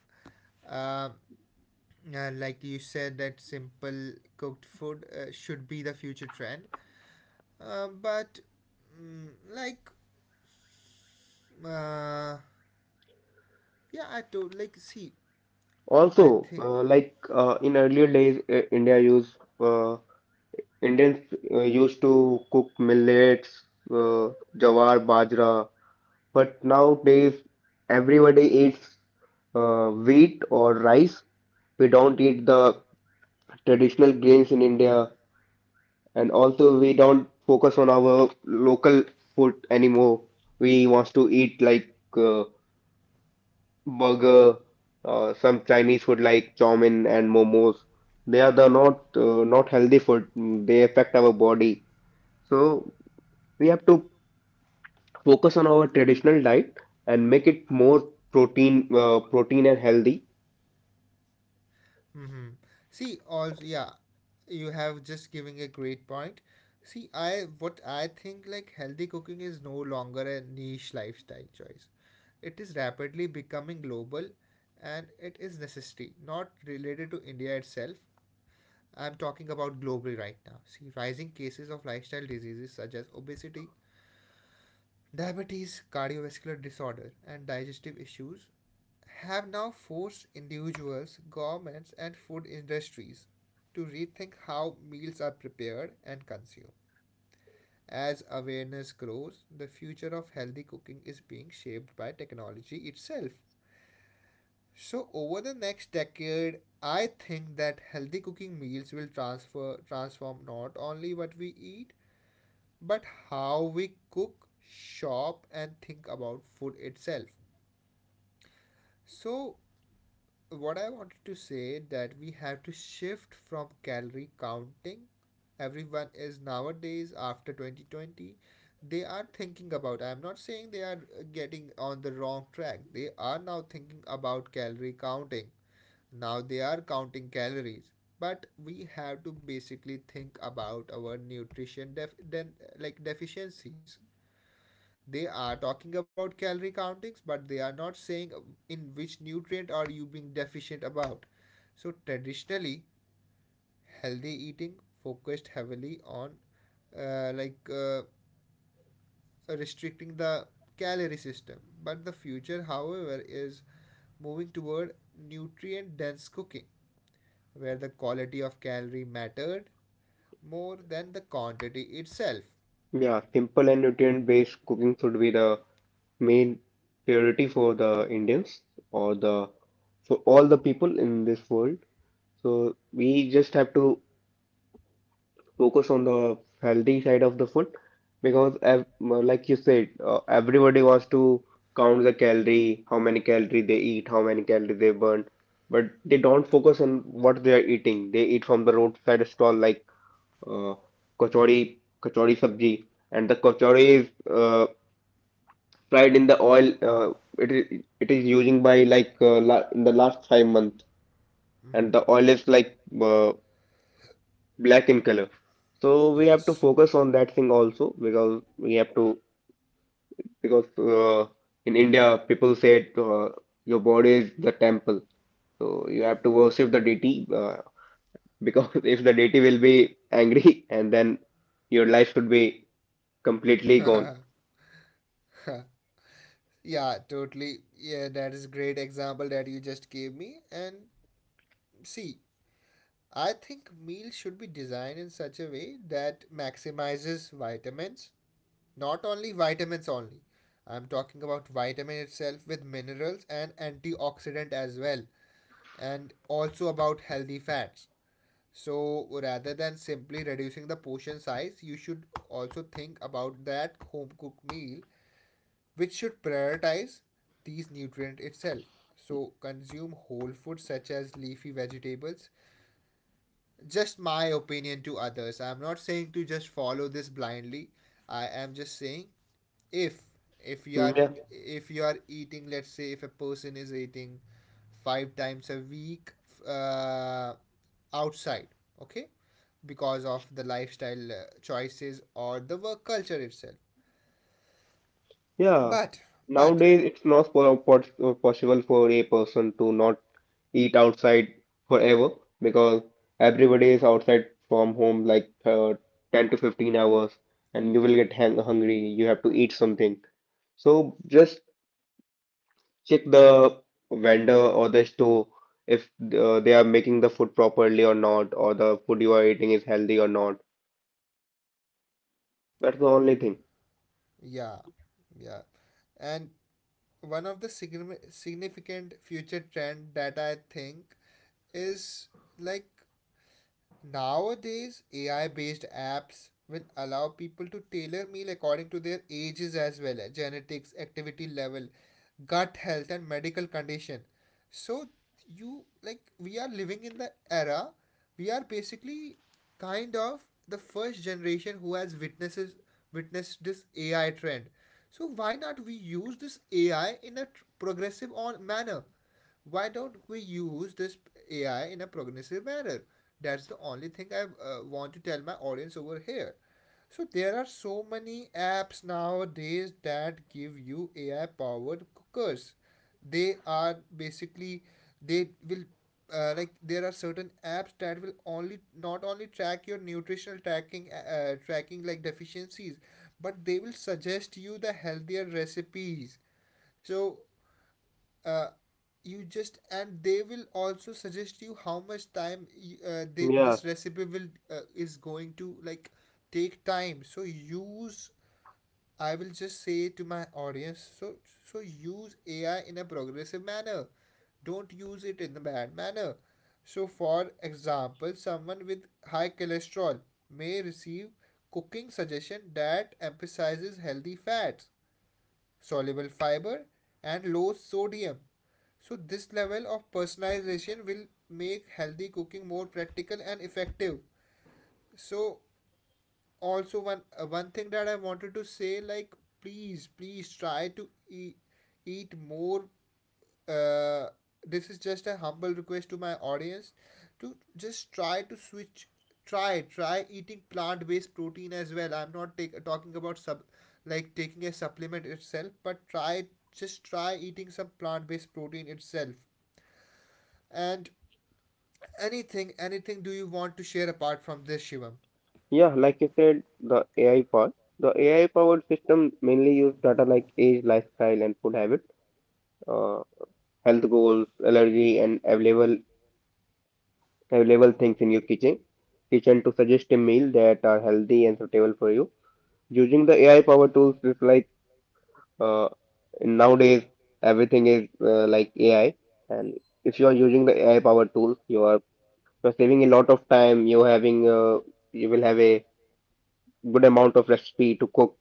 Speaker 1: um, like you said, that simple cooked food should be the future trend, but mm, like uh, yeah, I don't like see, I
Speaker 2: Also,
Speaker 1: think.
Speaker 2: like in earlier days, India used Indians used to cook millets, uh, jawar, bajra, but nowadays everybody eats wheat or rice. We don't eat the traditional grains in India, and also we don't focus on our local food anymore. We want to eat like uh, burger, some Chinese food like chow mein and momos. They are the not not healthy food. Mm. They affect our body. So we have to focus on our traditional diet and make it more protein protein and healthy.
Speaker 1: Mm-hmm. See, also, yeah, you have just giving a great point. See, I, what I think, like, healthy cooking is no longer a niche lifestyle choice. It is rapidly becoming global, and it is necessity, not related to India itself. I'm talking about globally right now. See, rising cases of lifestyle diseases such as obesity, diabetes, cardiovascular disorder, and digestive issues have now forced individuals, governments, and food industries to rethink how meals are prepared and consumed. As awareness grows, the future of healthy cooking is being shaped by technology itself. So over the next decade, I think that healthy cooking meals will transfer transform not only what we eat, but how we cook, shop, and think about food itself. So what I wanted to say, that we have to shift from calorie counting. Everyone is nowadays after 2020, they are thinking about, I'm not saying they are getting on the wrong track, they are now thinking about calorie counting. Now they are counting calories. But we have to basically think about our nutrition, deficiencies. They are talking about calorie countings but they are not saying in which nutrient are you being deficient about. So traditionally, healthy eating focused heavily on, uh, like uh, restricting the calorie system, but the future however is moving toward nutrient dense cooking, where the quality of calorie mattered more than the quantity itself.
Speaker 2: Yeah, simple and nutrient based cooking should be the main priority for the Indians or the for all the people in this world. So we just have to focus on the healthy side of the food because ev, like you said, everybody wants to count the calorie, how many calorie they eat, how many calorie they burn, but they don't focus on what they are eating. They eat from the roadside stall like, uh, kachori, kachori sabji, and the kachori is uh, fried in the oil. It is using by like la in the last five months, and
Speaker 1: Mm-hmm.
Speaker 2: the oil is like uh, black in color. So we have to
Speaker 1: Yes.
Speaker 2: focus on that thing also, because we have to, because in India people say, your body is the temple. So you have to worship the deity, because if the deity will be angry and then your life should be completely gone.
Speaker 1: Yeah, totally. Yeah, that is great example that you just gave me. And see, I think meals should be designed in such a way that maximizes vitamins, not only vitamins only. I'm talking about vitamin itself with minerals and antioxidant as well, and also about healthy fats. So rather than simply reducing the portion size, you should also think about that home cooked meal which should prioritize these nutrient itself. So consume whole foods such as leafy vegetables. Just my opinion to others. I'm not saying to just follow this blindly. I am just saying, if if you
Speaker 2: Mm.
Speaker 1: are,
Speaker 2: Yeah,
Speaker 1: if you are eating, let's say if a person is eating five times a week, uh, outside, okay, because of the lifestyle choices or the work culture itself,
Speaker 2: yeah.
Speaker 1: but but
Speaker 2: Nowadays it's not possible for a person to not eat outside forever, because everybody is outside from home like 10 to 15 hours, and you will get hang hungry. You have to eat something. So just check the vendor or the store if they are making the food properly or not, or the food you are eating is healthy or not. That's the only thing.
Speaker 1: yeah, yeah. And one of the significant future trend that I think is, like, nowadays AI based apps will allow people to tailor meal according to their ages as well, eh, genetics, activity level, gut health and medical condition. So you, like, we are living in the era, we are basically kind of the first generation who has witnesses witnessed this AI trend. So why not we use this AI in a progressive on manner, why don't we use this AI in a progressive manner? That's the only thing I want to tell my audience over here. So there are so many apps nowadays that give you AI powered cookers. They are basically, they will, like, there are certain apps that will only not only track your nutritional tracking, tracking like deficiencies, but they will suggest you the healthier recipes. So uh, you just, and they will also suggest you how much time
Speaker 2: Yeah,
Speaker 1: this recipe will is going to like take time. So use, I will just say to my audience, so, so use AI in a progressive manner, don't use it in a bad manner. So for example, someone with high cholesterol may receive cooking suggestion that emphasizes healthy fats, soluble fiber, and low sodium. So this level of personalization will make healthy cooking more practical and effective. So also one one thing that I wanted to say, like, please, please try to eat, eat more, uh, this is just a humble request to my audience, to just try to switch, try eating plant-based protein as well. I'm not talking about sub, like taking a supplement itself, but try, just try eating some plant-based protein itself. And anything do you want to share apart from this, Shivam?
Speaker 2: yeah, like you said, the AI part. The AI powered system mainly use data like age, lifestyle, and food habit, uh, health goals, allergy, and available things in your kitchen to suggest a meal that are healthy and suitable for you. Using the AI power tools is like, uh, nowadays everything is like AI, and if you are using the AI power tools, you're saving a lot of time. You will have a good amount of recipe to cook,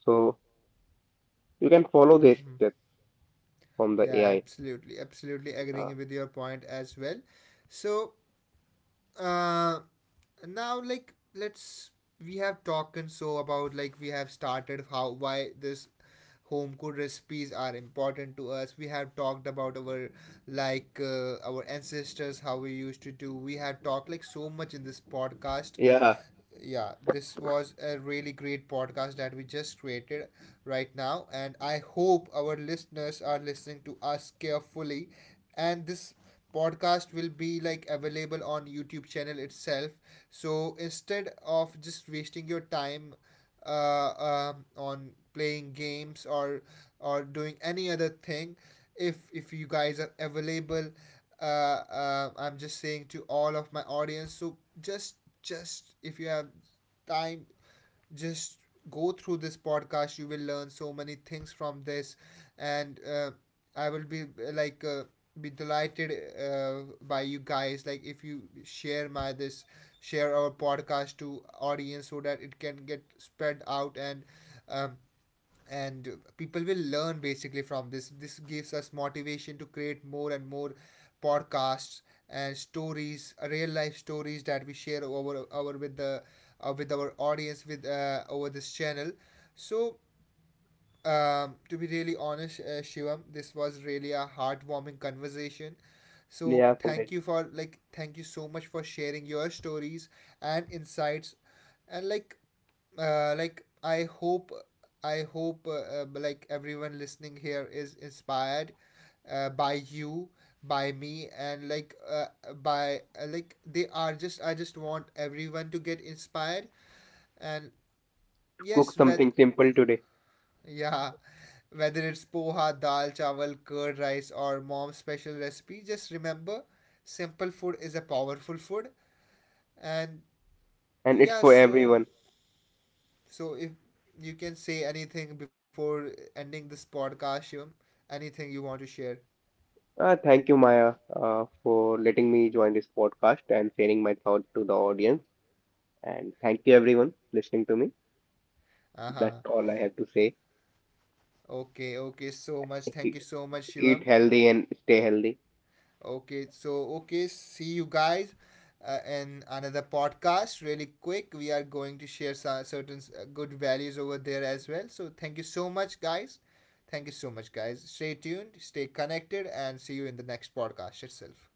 Speaker 2: so you can follow this
Speaker 1: Hmm.
Speaker 2: step from the
Speaker 1: Yeah,
Speaker 2: AI.
Speaker 1: absolutely, absolutely
Speaker 2: Uh,
Speaker 1: agreeing with your point as well. So uh now, like, let's, we have talked and so about, like, we have started how why this home cooked recipes are important to us, we have talked about our, our ancestors how we used to do, we have talked like so much in this podcast.
Speaker 2: yeah,
Speaker 1: Yeah, this was a really great podcast that we just created right now, and I hope our listeners are listening to us carefully. And this podcast will be like available on YouTube channel itself. So instead of just wasting your time, uh, on playing games or doing any other thing, if you guys are available, I'm just saying to all of my audience, so just if you have time, just go through this podcast, you will learn so many things from this. And I will be be delighted by you guys, like if you share my this, share our podcast to audience so that it can get spread out. And um, and people will learn basically from this. This gives us motivation to create more and more podcasts and stories, real life stories that we share over with the, with our audience, with over this channel. So to be really honest, Shivam, this was really a heartwarming conversation. So
Speaker 2: yeah, Pankaj,
Speaker 1: thank
Speaker 2: to
Speaker 1: you for, like, thank you so much for sharing your stories and insights, and like, like, I hope, I hope like everyone listening here is inspired, by you, by me, and like by like they are just, I just want everyone to get inspired, and
Speaker 2: cook
Speaker 1: yes, with,
Speaker 2: something simple today,
Speaker 1: yeah, whether it's poha, dal, chawal, curd rice, or mom's special recipe, just remember, simple food is a powerful food. And
Speaker 2: and it's
Speaker 1: yeah,
Speaker 2: for
Speaker 1: so,
Speaker 2: everyone.
Speaker 1: so if you can say anything before ending this podcast, Shivam, anything you want to share.
Speaker 2: Thank you, Maya, for letting me join this podcast and sharing my thoughts to the audience. And thank you, everyone, listening to me.
Speaker 1: Uh-huh.
Speaker 2: That's all I have to say.
Speaker 1: Okay, okay, so much, thank you so much,
Speaker 2: Eat
Speaker 1: Shivam.
Speaker 2: healthy and stay healthy.
Speaker 1: Okay, so, okay, see you guys in another podcast really quick. We are going to share some certain good values over there as well. So thank you so much, guys. Thank you so much, guys. Stay tuned, stay connected, and see you in the next podcast itself.